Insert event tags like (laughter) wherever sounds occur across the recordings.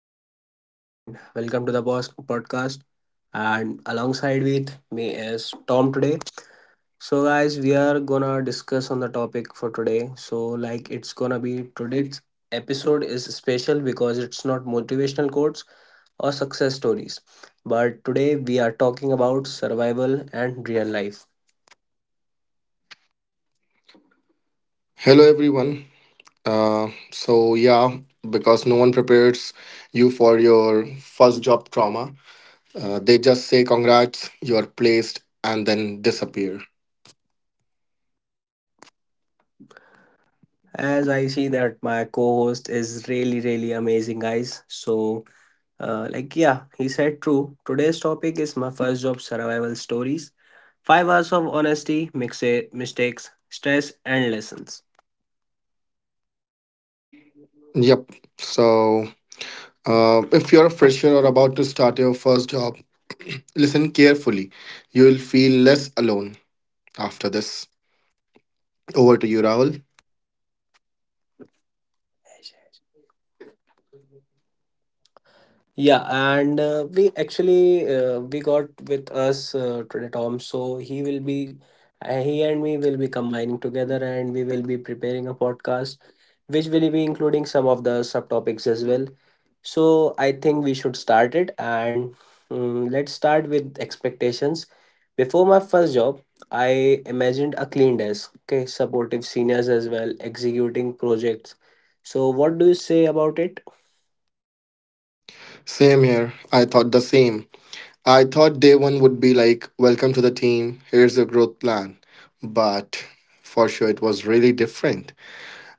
side Ash, and welcome to the Boss Podcast. And alongside with me is Tom today. So guys, we are gonna discuss on the topic for today. So like it's gonna be today's episode is special because it's not motivational quotes or success stories. But today we are talking about survival and real life. Hello, everyone. So, yeah, because no one prepares you for your first job trauma, they just say, congrats, you're placed, and then disappear. As I see that my co-host is really really amazing guys. So Yeah, he said true. Today's topic is my first job survival stories. 5 hours of honesty, mix mistakes, stress, and lessons. Yep. So, if you're a fresher or about to start your first job, (clears throat) listen carefully. You'll feel less alone after this. Over to you, Rahul. Yeah, and We actually we got with us today Tom. So he will be he and me will be combining together, and we will be preparing a podcast, which will be including some of the subtopics as well. So I think we should start it and let's start with expectations. Before my first job, I imagined a clean desk, okay, supportive seniors as well, executing projects. So what do you say about it? Same here, I thought the same. I thought day one would be like, welcome to the team, here's your growth plan. But for sure, it was really different.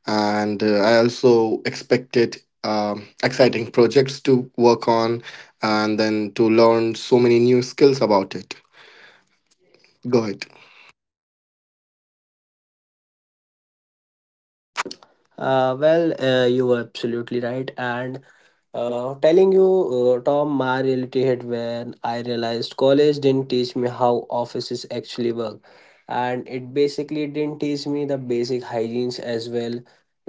And I also expected exciting projects to work on and then to learn so many new skills about it. Go ahead. You were absolutely right, and telling you, Tom, my reality hit when I realized college didn't teach me how offices actually work. And it basically didn't teach me the basic hygienes as well.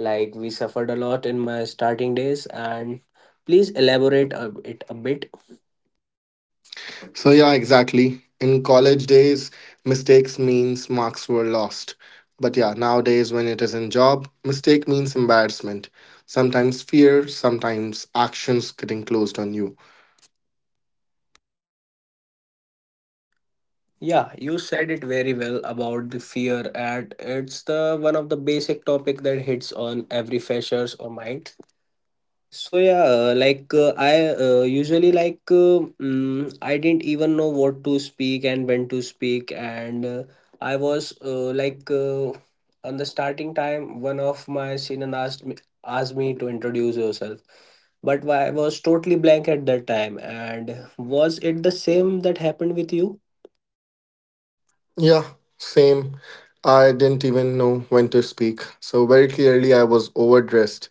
Like, we suffered a lot in my starting days. And please elaborate it a bit. So, yeah, exactly. In college days, mistakes means marks were lost. But yeah, nowadays, when it is in job, mistake means embarrassment. Sometimes fear, sometimes actions getting closed on you. Yeah, you said it very well about the fear, and it's the one of the basic topic that hits on every freshers or mind. So yeah, I I didn't even know what to speak and when to speak, and I was like on the starting time, one of my senior asked me to introduce yourself, but I was totally blank at that time. And was it the same that happened with you? Yeah, same. I didn't even know when to speak. So, very clearly, I was overdressed,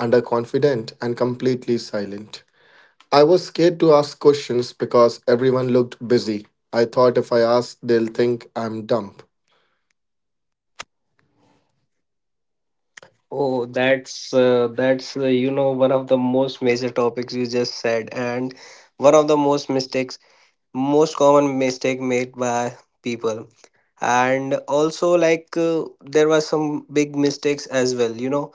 underconfident, and completely silent. I was scared to ask questions because everyone looked busy. I thought if I ask, they'll think I'm dumb. Oh, that's one of the most major topics you just said, and one of the most common mistake made by people, and also there were some big mistakes as well, you know,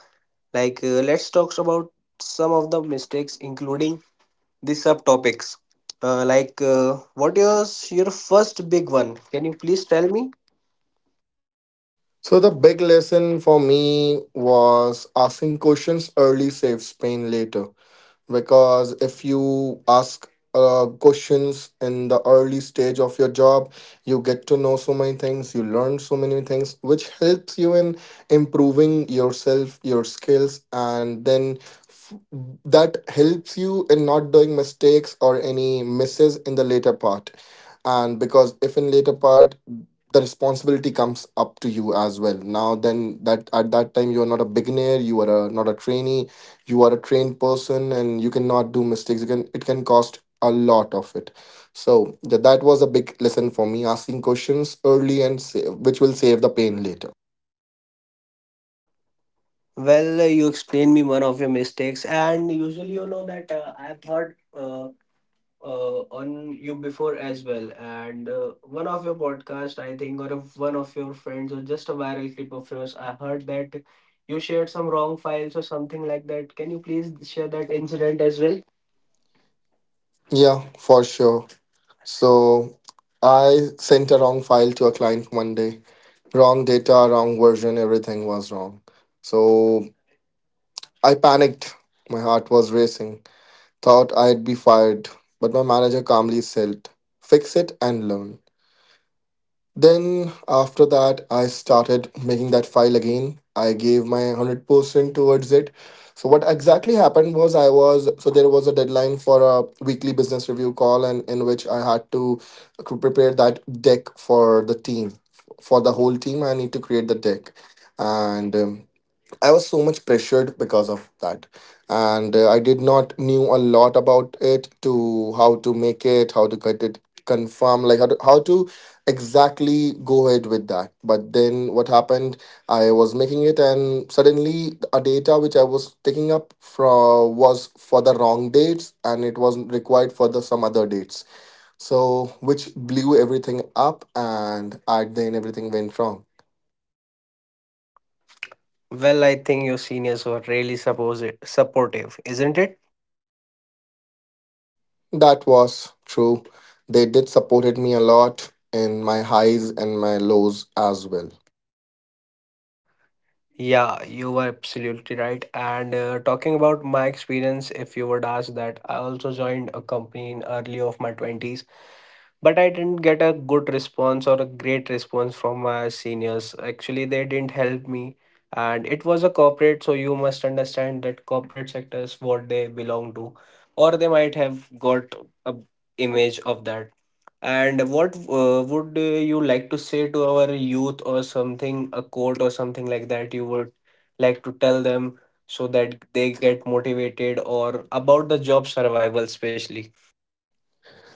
let's talk about some of the mistakes including the subtopics. What is your first big one? Can you please tell me? So, the big lesson for me was asking questions early saves pain later. Because if you ask questions in the early stage of your job, you get to know so many things, you learn so many things which helps you in improving yourself, your skills. And then f- that helps you in not doing mistakes or any misses in the later part. And because if in later part the responsibility comes up to you as well now, then that at that time you are not a beginner, you are not a trainee, you are a trained person, and you cannot do mistakes. You can, it can cost a lot of it. So yeah, that was a big lesson for me, asking questions early and save, which will save the pain later. Well, you explain me one of your mistakes, and usually you know that I've heard on you before as well, and one of your podcast, I think, or of one of your friends or just a viral clip of yours, I heard that you shared some wrong files or something like that. Can you please share that incident as well? Yeah, for sure. So I sent a wrong file to a client one day. Wrong data, wrong version, everything was wrong. So I panicked, my heart was racing, thought I'd be fired. But my manager calmly said, fix it and learn. Then after that, I started making that file again. I gave my 100% towards it. So what exactly happened was, I was, so there was a deadline for a weekly business review call, and in which I had to prepare that deck for the team. For the whole team, I need to create the deck. And I was so much pressured because of that, and I did not knew a lot about it, to how to make it, how to get it confirm, like how to exactly go ahead with that. But then what happened? I was making it, and suddenly a data which I was taking up from was for the wrong dates, and it was required for the some other dates. So which blew everything up, and at then everything went wrong. Well, I think your seniors were really suppose supportive, isn't it? That was true. They did supported me a lot in my highs and my lows as well. Yeah, you were absolutely right. And talking about my experience, if you would ask that, I also joined a company in early of my 20s, but I didn't get a good response or a great response from my seniors. Actually, they didn't help me. And it was a corporate, so you must understand that corporate sector is what they belong to, or they might have got a image of that. And what would you like to say to our youth or something, a quote or something like that you would like to tell them so that they get motivated, or about the job survival, especially?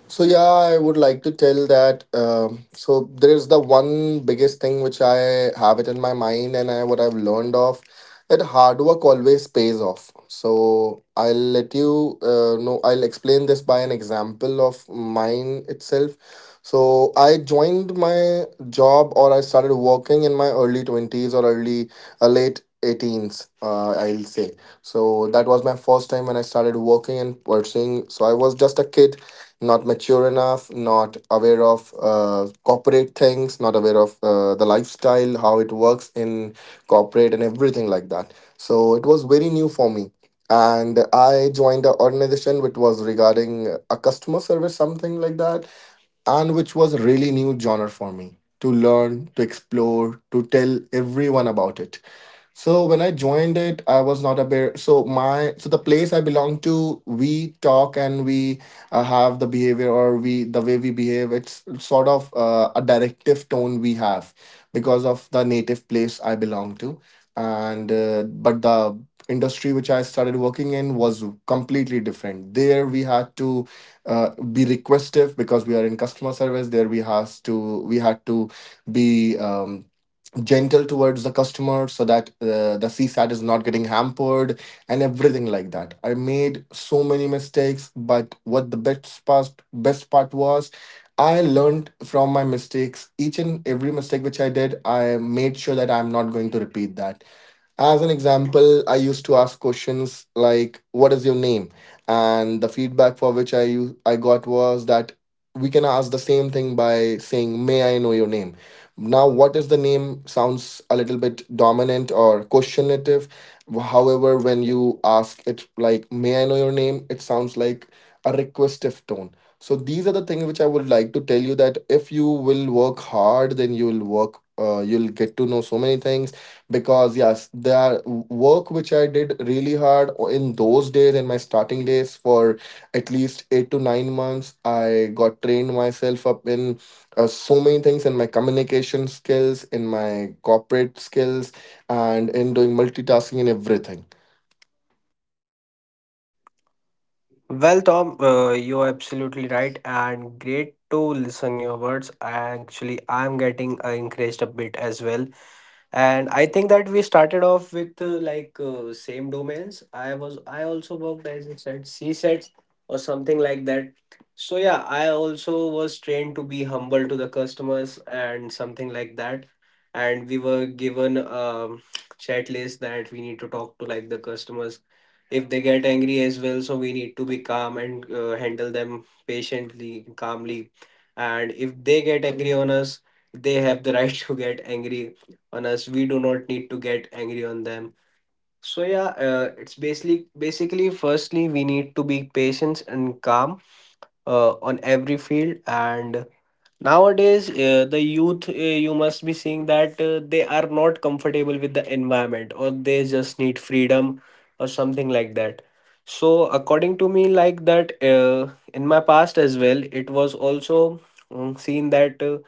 So yeah, I would like to tell that. So there's the one biggest thing which I have it in my mind, and I, what I've learned of, that hard work always pays off. So I'll let you know. I'll explain this by an example of mine itself. So I joined my job, or I started working in my early 20s, or early late 18s, I'll say. So that was my first time when I started working and pursuing. So I was just a kid, not mature enough, not aware of corporate things, not aware of the lifestyle, how it works in corporate and everything like that. So it was very new for me. And I joined an organization which was regarding a customer service, something like that, and which was a really new genre for me to learn, to explore, to tell everyone about it. So when I joined it, I was not aware. So my, so the place I belong to, we talk and we have the behavior, or we, the way we behave, it's sort of a directive tone we have, because of the native place I belong to, and but the industry which I started working in was completely different. There we had to be requestive, because we are in customer service. There we had to be gentle towards the customer so that the CSAT is not getting hampered and everything like that. I made so many mistakes, but what, the best part was, I learned from my mistakes. Each and every mistake which I did, I made sure that I'm not going to repeat that. As an example, I used to ask questions like, "What is your name?" and the feedback for which I got was that we can ask the same thing by saying, "May I know your name?" Now, what is the name sounds a little bit dominant or questionative. However, when you ask it like, "May I know your name?" it sounds like a requestive tone. So these are the things which I would like to tell you, that if you will work hard, then you will work. You'll get to know so many things, because yes, the work which I did really hard in those days, in my starting days, for at least 8 to 9 months, I got trained myself up in so many things, in my communication skills, in my corporate skills, and in doing multitasking and everything. Well, Tom, you're absolutely right and great to listen your words. Actually, I'm getting encouraged a bit as well, and I think that we started off with same domains. I also worked, as you said, c-sets or something like that. So yeah, I also was trained to be humble to the customers and something like that. And we were given chat list that we need to talk to like the customers. If they get angry as well, so we need to be calm and handle them patiently, calmly. And if they get angry on us, they have the right (laughs) to get angry on us. We do not need to get angry on them. So yeah, it's basically, firstly, we need to be patient and calm on every field. And nowadays, the youth, you must be seeing that they are not comfortable with the environment, or they just need freedom or something like that. So according to me, like that, in my past as well, it was also seen that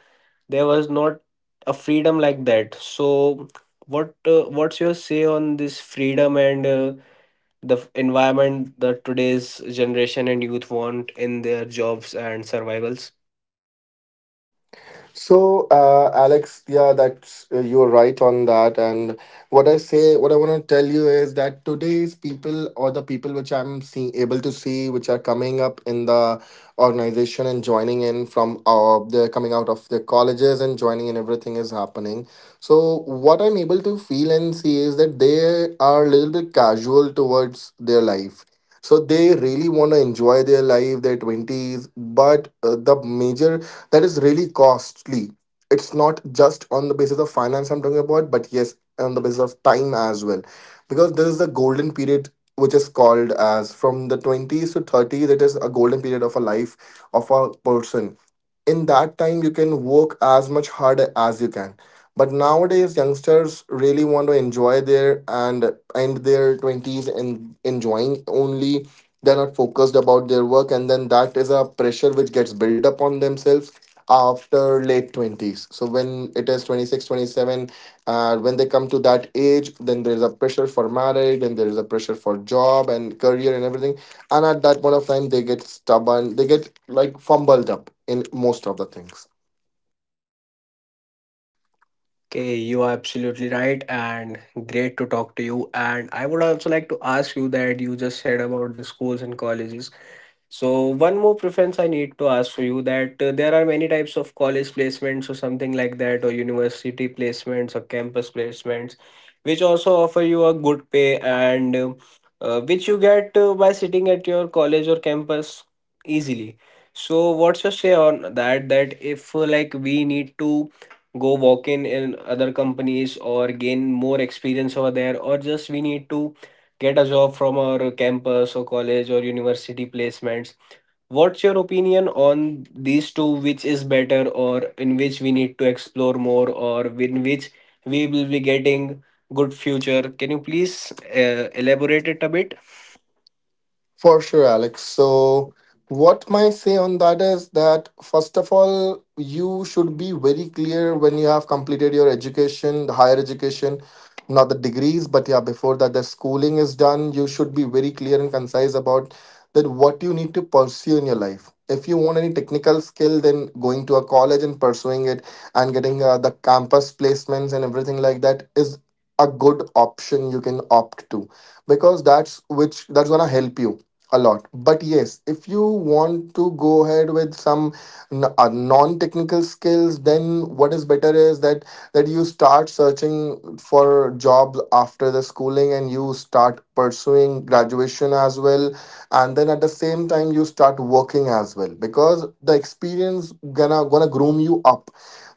there was not a freedom like that. So what's your say on this freedom and the environment that today's generation and youth want in their jobs and survivals? So, Alex, yeah, that's you're right on that. And what I say, what I want to tell you is that today's people, or the people which I'm seeing able to see, which are coming up in the organization and joining in from they're coming out of their colleges and joining in, everything is happening. So what I'm able to feel and see is that they are a little bit casual towards their life. So they really want to enjoy their life, their 20s, but the major, that is really costly. It's not just on the basis of finance I'm talking about, but yes, on the basis of time as well, because there is the golden period, which is called as from the 20s to 30s. It is a golden period of a life of a person. In that time you can work as much hard as you can, but nowadays youngsters really want to enjoy their, and end their 20s and enjoying only. They're not focused about their work, and then that is a pressure which gets built up on themselves after late 20s. So when it is six, twenty seven, 27, when they come to that age, then there's a pressure for marriage, and there's a pressure for job and career and everything, and at that point of time they get stubborn, they get like fumbled up in most of the things. Okay, you are absolutely right, and great to talk to you. And I would also like to ask you that you just said about the schools and colleges. So one more preference I need to ask for you, that there are many types of college placements or something like that, or university placements or campus placements, which also offer you a good pay and which you get by sitting at your college or campus easily. So what's your say on that, that if like we need to go walk in other companies or gain more experience over there, or just we need to get a job from our campus or college or university placements? What's your opinion on these two? Which is better, or in which we need to explore more, or in which we will be getting good future? Can you please elaborate it a bit? For sure, Alex. So, what my say on that is that first of all, you should be very clear when you have completed your education, the higher education, not the degrees, but yeah, before that, the schooling is done. You should be very clear and concise about that what you need to pursue in your life. If you want any technical skill, then going to a college and pursuing it and getting the campus placements and everything like that is a good option you can opt to, because that's, which that's gonna help you a lot. But yes, if you want to go ahead with some non-technical skills, then what is better is that, that you start searching for jobs after the schooling and you start pursuing graduation as well, and then at the same time you start working as well, because the experience gonna groom you up.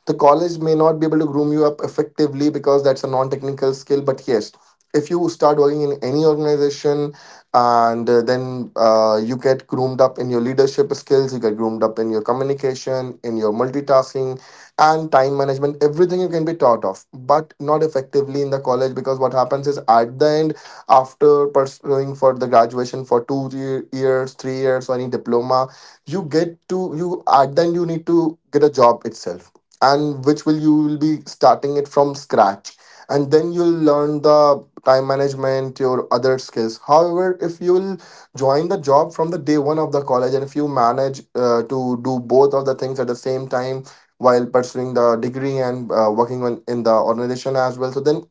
The college may not be able to groom you up effectively, because that's a non-technical skill. But yes, if you start working in any organization, and then you get groomed up in your leadership skills, you get groomed up in your communication, in your multitasking, and time management. Everything you can be taught of, but not effectively in the college because what happens is at the end, after pursuing for the graduation for two years, 3 years, or any diploma, you get to, you at the end, you need to get a job itself, and which will you will be starting it from scratch and then you'll learn the time management your other skills. However, if you'll join the job from the day one of the college and if you manage to do both of the things at the same time while pursuing the degree and working on in the organization as well, so then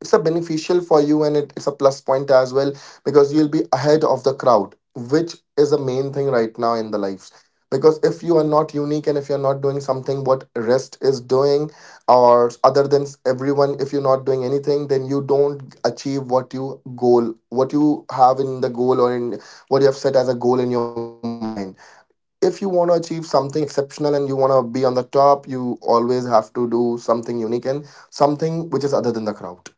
it's a beneficial for you and it's a plus point as well, because you'll be ahead of the crowd which is the main thing right now in the lives. Because if you are not unique and if you're not doing something what rest is doing or other than everyone, if you're not doing anything, then you don't achieve what you goal, what you have in the goal, or in what you have set as a goal in your mind. If you want to achieve something exceptional and you want to be on the top, you always have to do something unique and something which is other than the crowd.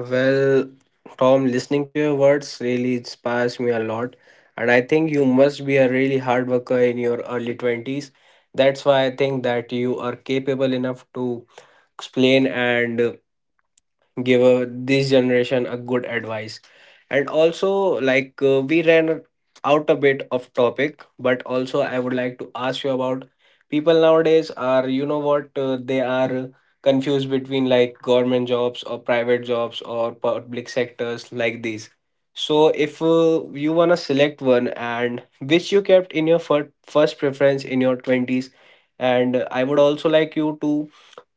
Well, Tom, listening to your words really inspires me a lot, and I think you must be a really hard worker in your early 20s. That's why I think that you are capable enough to explain and give this generation a good advice. And also we ran out a bit of topic, but also I would like to ask you about people nowadays. Are, you know what, they are confused between like government jobs or private jobs or public sectors, like these. So if you want to select one, and which you kept in your first preference in your 20s. And I would also like you to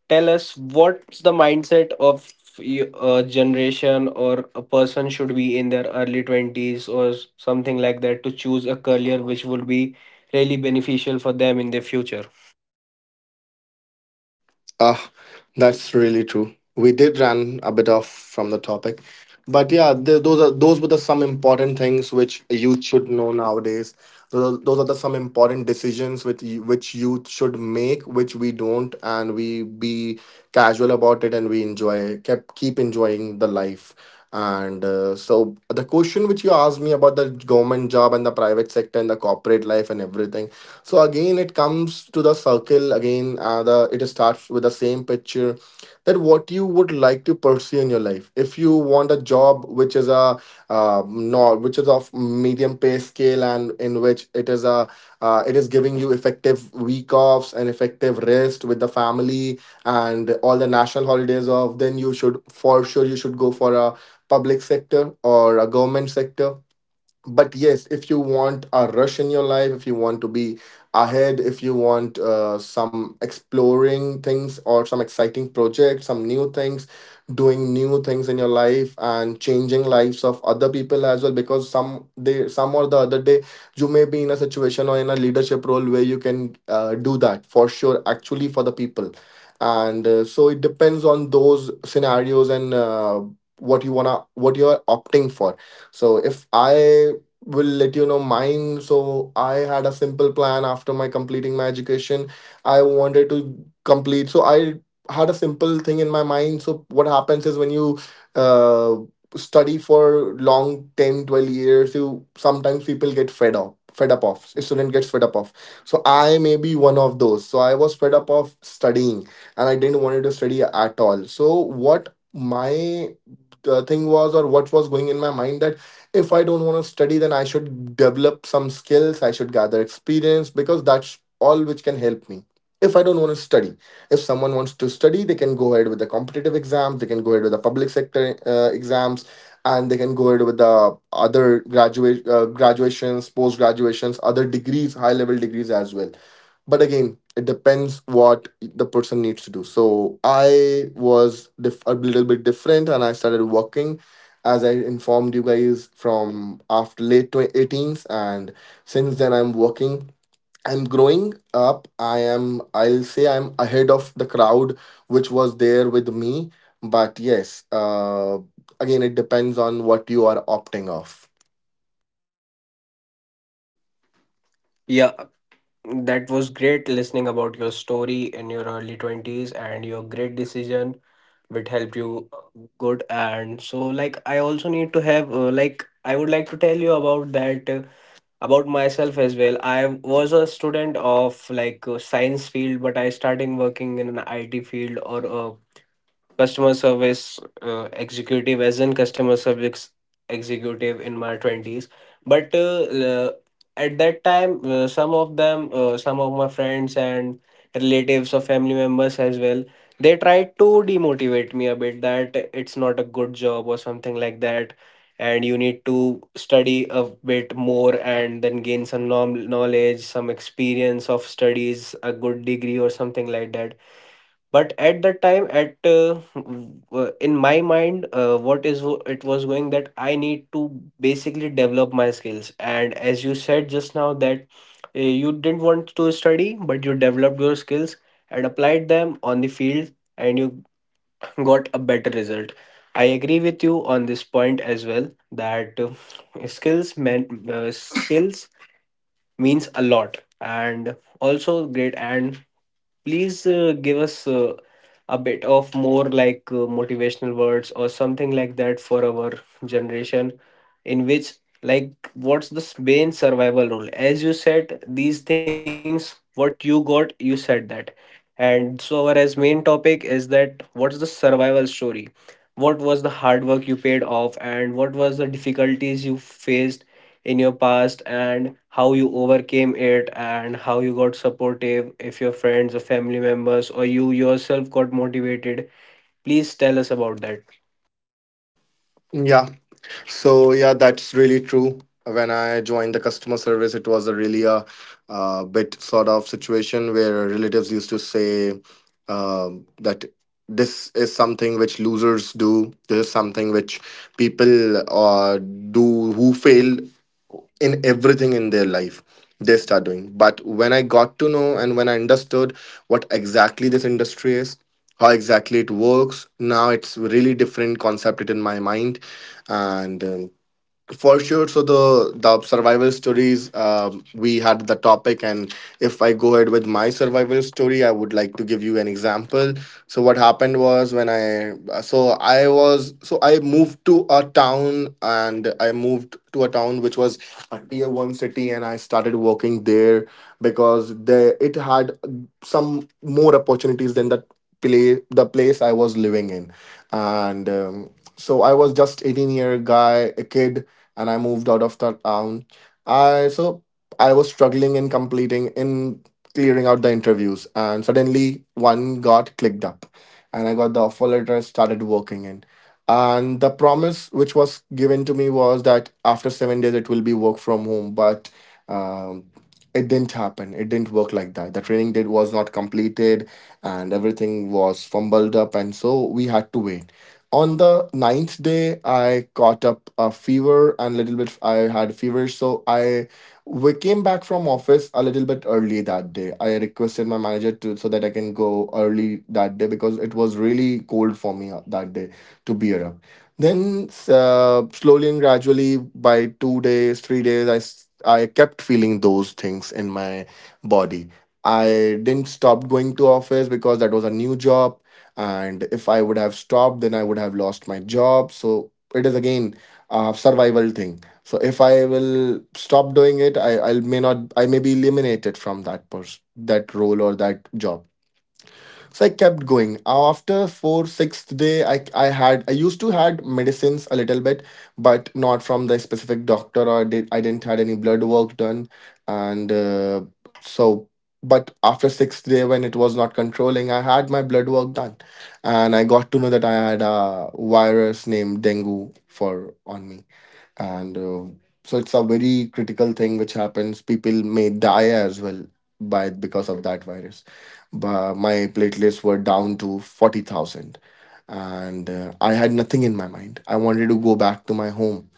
tell us, what's the mindset of y- a generation or a person should be in their early 20s or something like that to choose a career which would be really beneficial for them in their future? Ah, that's really true. We did run a bit off from the topic, but yeah, th those are those were the some important things which youth should know nowadays. Those are the some important decisions which which youth should make, which we don't, and we be casual about it and we enjoy kept keep enjoying the life. And so the question which you asked me about the government job and the private sector and the corporate life and everything, so again it comes to the circle again, the it starts with the same picture, that what you would like to pursue in your life. If you want a job which is a, not which is of medium pay scale and in which it is a, it is giving you effective week offs and effective rest with the family and all the national holidays off, then you should, for sure, you should go for a public sector or a government sector. But yes, if you want a rush in your life, if you want to be ahead, if you want some exploring things or some exciting projects, some new things, doing new things in your life and changing lives of other people as well, because some day some or the other day you may be in a situation or in a leadership role where you can do that for sure actually for the people. And so it depends on those scenarios, and what you're opting for. So if I will let you know mine, so I had a simple plan after my completing my education. I wanted to complete. So I had a simple thing in my mind. So what happens is, when you uh, study for long 10 12 years, you sometimes, people get fed up of, a student gets fed up of, so I may be one of those. So I was fed up of studying and I didn't wanted to study at all. So what my thing was, or what was going in my mind, that if I don't want to study, then I should develop some skills, I should gather experience, because that's all which can help me if I don't want to study. If someone wants to study, they can go ahead with the competitive exams, they can go ahead with the public sector exams, and they can go ahead with the other graduate graduations, post graduations, other degrees, high level degrees as well. But again, it depends what the person needs to do. So I was a little bit different and I started working, as I informed you guys, from after late 18s. And since then I'm working, I'm growing up, I'll say I'm ahead of the crowd which was there with me. But yes, again it depends on what you are opting off. Yeah, that was great listening about your story in your early 20s and your great decision which helped you good. And so like I also need to have, I would like to tell you about that, about myself as well. I was a student of like a science field, but I starting working in an IT field, or a customer service executive as in customer service executive in my 20s. But uh, at that time, some of my friends and relatives or family members as well, they tried to demotivate me a bit that it's not a good job or something like that, and you need to study a bit more and then gain some knowledge, some experience of studies, a good degree or something like that. But at that time, in my mind, it was going that I need to basically develop my skills. And as you said just now, that you didn't want to study, but you developed your skills and applied them on the field, and you (laughs) got a better result. I agree with you on this point as well, that skills man skills means a lot. And also great. And please give us a bit of more like motivational words or something like that for our generation, in which like what's the main survival rule, as you said these things, what you got, you said that. And so our as main topic is that, what's the survival story? What was the hard work you paid off, and what was the difficulties you faced in your past, and how you overcame it, and how you got supportive if your friends or family members, or you yourself got motivated? Please tell us about that. Yeah. So yeah, that's really true. When I joined the customer service, it was a really bit sort of situation where relatives used to say, that this is something which losers do. This is something which people do who fail in everything in their life they start doing. But when I got to know and when I understood what exactly this industry is, how exactly it works, now it's really different concept it in my mind. And for sure. So the survival stories, we had the topic. And if I go ahead with my survival story, I would like to give you an example. So what happened was, when I so I moved to a town. And I moved to a town which was a tier 1 city and I started working there because they it had some more opportunities than the place I was living in. And so I was just 18-year guy, a kid. And I moved out of that town. I so I was struggling in completing, in clearing out the interviews, and suddenly one got clicked up, and I got the offer letter and started working in. And the promise which was given to me was that after 7 days it will be work from home, but. Um, it didn't happen. It didn't work like that. The training date was not completed and everything was fumbled up. And so we had to wait. On the ninth day, I caught up a fever and a little bit. I had fever, so I we came back from office a little bit early that day. I requested my manager to so that I can go early that day because it was really cold for me that day to be up. Then slowly and gradually, by 2 days, 3 days, I kept feeling those things in my body. I didn't stop going to office because that was a new job, and if I would have stopped, then I would have lost my job. So it is again a survival thing. So if I will stop doing it, I may not, I may be eliminated from that person, that role, or that job. So I kept going. After four sixth day, I used to had medicines a little bit, but not from the specific doctor. I didn't had any blood work done. And so but after sixth day, when it was not controlling, I had my blood work done and I got to know that I had a virus named dengue for on me. And so it's a very critical thing which happens, people may die as well by because of that virus. But my platelets were down to 40,000. And I had nothing in my mind, I wanted to go back to my home.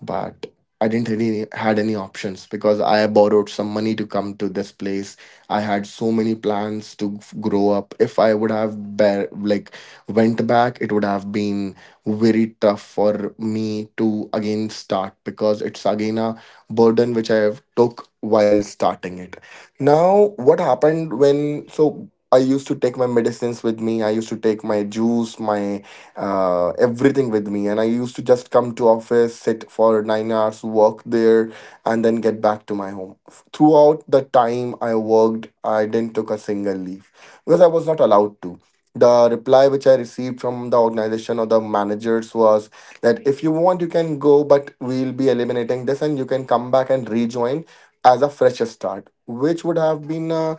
But I didn't really had any options because I borrowed some money to come to this place. I had so many plans to grow up. If I would have like went back, it would have been very tough for me to again start because it's again a burden which I have took while starting it. Now, what happened when, so I used to take my medicines with me. I used to take my juice, my everything with me, and I used to just come to office, sit for 9 hours, work there, and then get back to my home. Throughout the time I worked, I didn't took a single leave because I was not allowed to. The reply which I received from the organization or the managers was that if you want, you can go, but we'll be eliminating this and you can come back and rejoin as a fresh start, which would have been a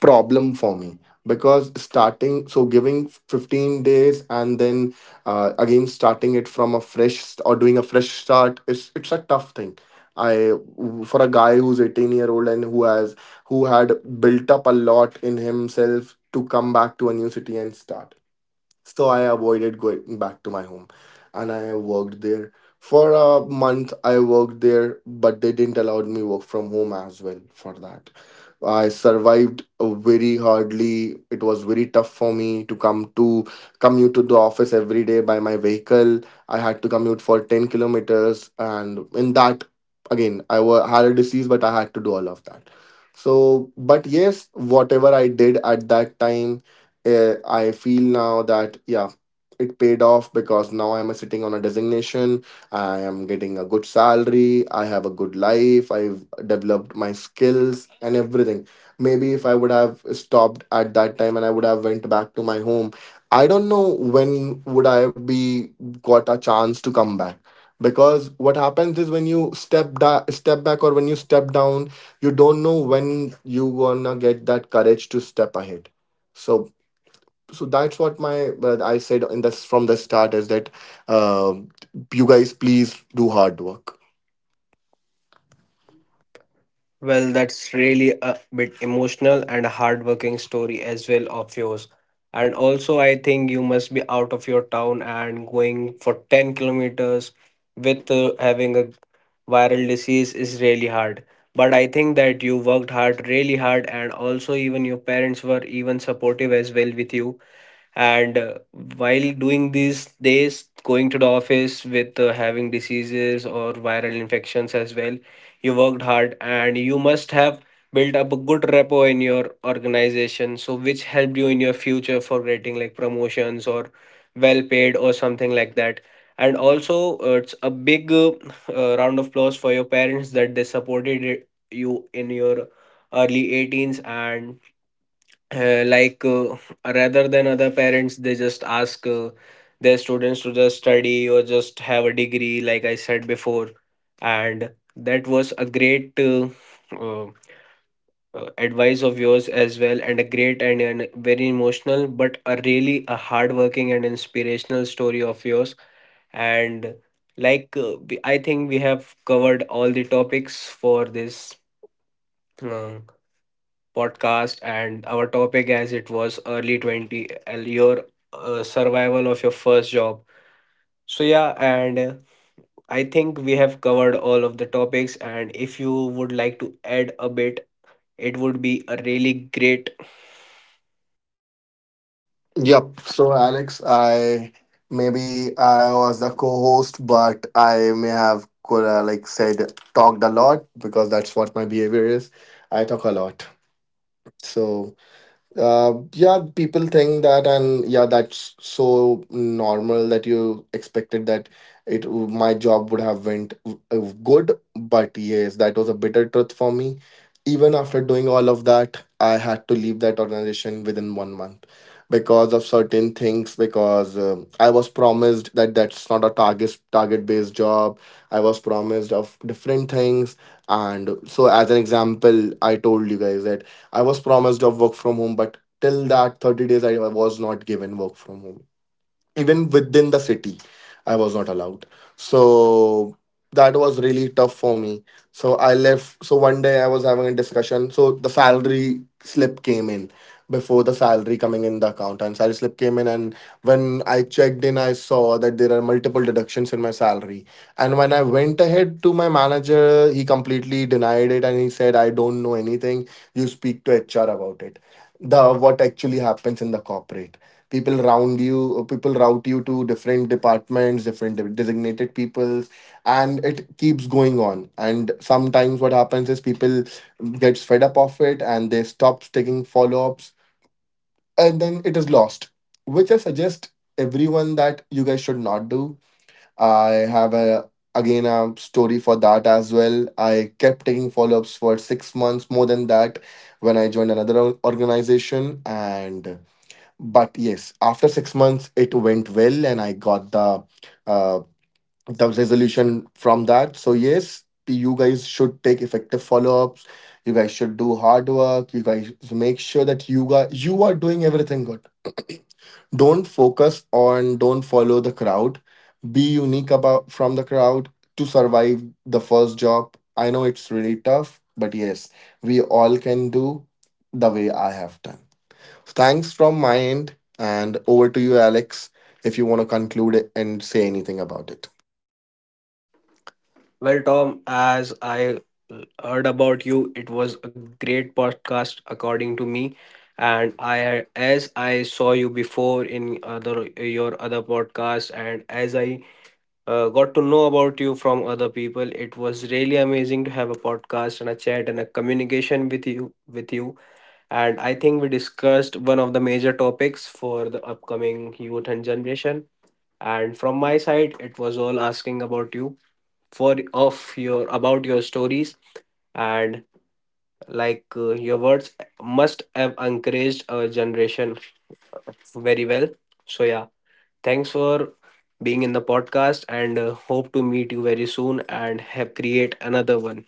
problem for me, because starting, so giving 15 days and then again starting it from a fresh or doing a fresh start is it's a tough thing I For a guy who's 18-year-old and who had built up a lot in himself, to come back to a new city and start. So I avoided going back to my home and I worked there. For a month I worked there, but they didn't allow me work from home as well for that. I survived very hardly. It was very tough for me to commute to the office every day by my vehicle. I had to commute for 10 kilometers, and in that again had a disease, but I had to do all of that. So but yes, whatever I did at that time, I feel now that yeah, it paid off because now I'm sitting on a designation. I am getting a good salary. I have a good life. I've developed my skills and everything. Maybe if I would have stopped at that time and I would have went back to my home, I don't know when would I be got a chance to come back. Because what happens is, when you step back or when you step down, you don't know when you gonna get that courage to step ahead. So so that's what my, but I said in this from the start, is that um you guys please do hard work. Well, that's really a bit emotional and a hardworking story as well of yours. And also, I think you must be out of your town and going for 10 kilometers with having a viral disease is really hard. But I think that you worked hard, really hard, and also even your parents were even supportive as well with you. And while doing these days, going to the office with having diseases or viral infections as well, you worked hard, and you must have built up a good repo in your organization, so which helped you in your future for getting like promotions or well paid or something like that. And also it's a big round of applause for your parents that they supported it, you, in your early 18s. And uh, like uh, rather than other parents, they just ask their students to just study or just have a degree, like I said before. And that was a great uh, advice of yours as well, and a great and very emotional but a really a hardworking and inspirational story of yours. And I think we have covered all the topics for this uh, podcast. And our topic, as it was early 20, your survival of your first job. So yeah, and I think we have covered all of the topics. And if you would like to add a bit, it would be a really great. Yep. So Alex, I, maybe I was the co-host, but I may have could like said talked a lot because that's what my behavior is. I talk a lot. So yeah, people think that, and yeah, that's so normal that you expected that it my job would have went good, but yes, that was a bitter truth for me. Even after doing all of that, I had to leave that organization within one month because of certain things. Because I was promised that that's not a target based job. I was promised of different things, and so, as an example, I told you guys that. I was promised of work from home, but till that 30 days I was not given work from home, even within the city I was not allowed. So that was really tough for me. So I left. So one day I was having a discussion, so the salary slip came in, before the salary coming in the account, and salary slip came in, and when I checked in, I saw that there are multiple deductions in my salary. And when I went ahead to my manager, he completely denied it and he said, I don't know anything, you speak to HR about it. The What actually happens in the corporate, people route you to different departments, different designated peoples. And it keeps going on, and sometimes what happens is people gets fed up of it and they stop taking follow-ups and then it is lost, which I suggest everyone that you guys should not do. I have a again a story for that as well. I kept taking follow-ups for 6 months, more than that, when I joined another organization. And but yes, after 6 months it went well and I got the uh, the resolution from that. So yes, you guys should take effective follow-ups, you guys should do hard work, you guys make sure that you guys, you are doing everything good. (clears throat) don't focus on Don't follow the crowd. Be unique about from the crowd, to survive the first job. I know it's really tough, but yes, we all can do the way I have done. Thanks from my end, and over to you, Alex, if you want to conclude it and say anything about it. Well, Tom, as I heard about you, it was a great podcast according to me. And I, as I saw you before in other your other podcast, and as I got to know about you from other people. It was really amazing to have a podcast and a chat and a communication with you. And I think we discussed one of the major topics for the upcoming youth and generation. And from my side, it was all asking about you, for of your about your stories. And your words must have encouraged our generation very well. So yeah, thanks for being in the podcast, and hope to meet you very soon and have create another one.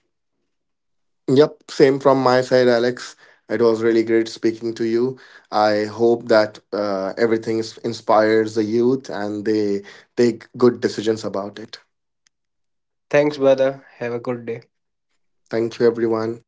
Yep, same from my side, Alex. It was really great speaking to you. I hope that everything inspires the youth and they take good decisions about it. Thanks, Thanks brother. brother. Have a good day. Thank you, everyone.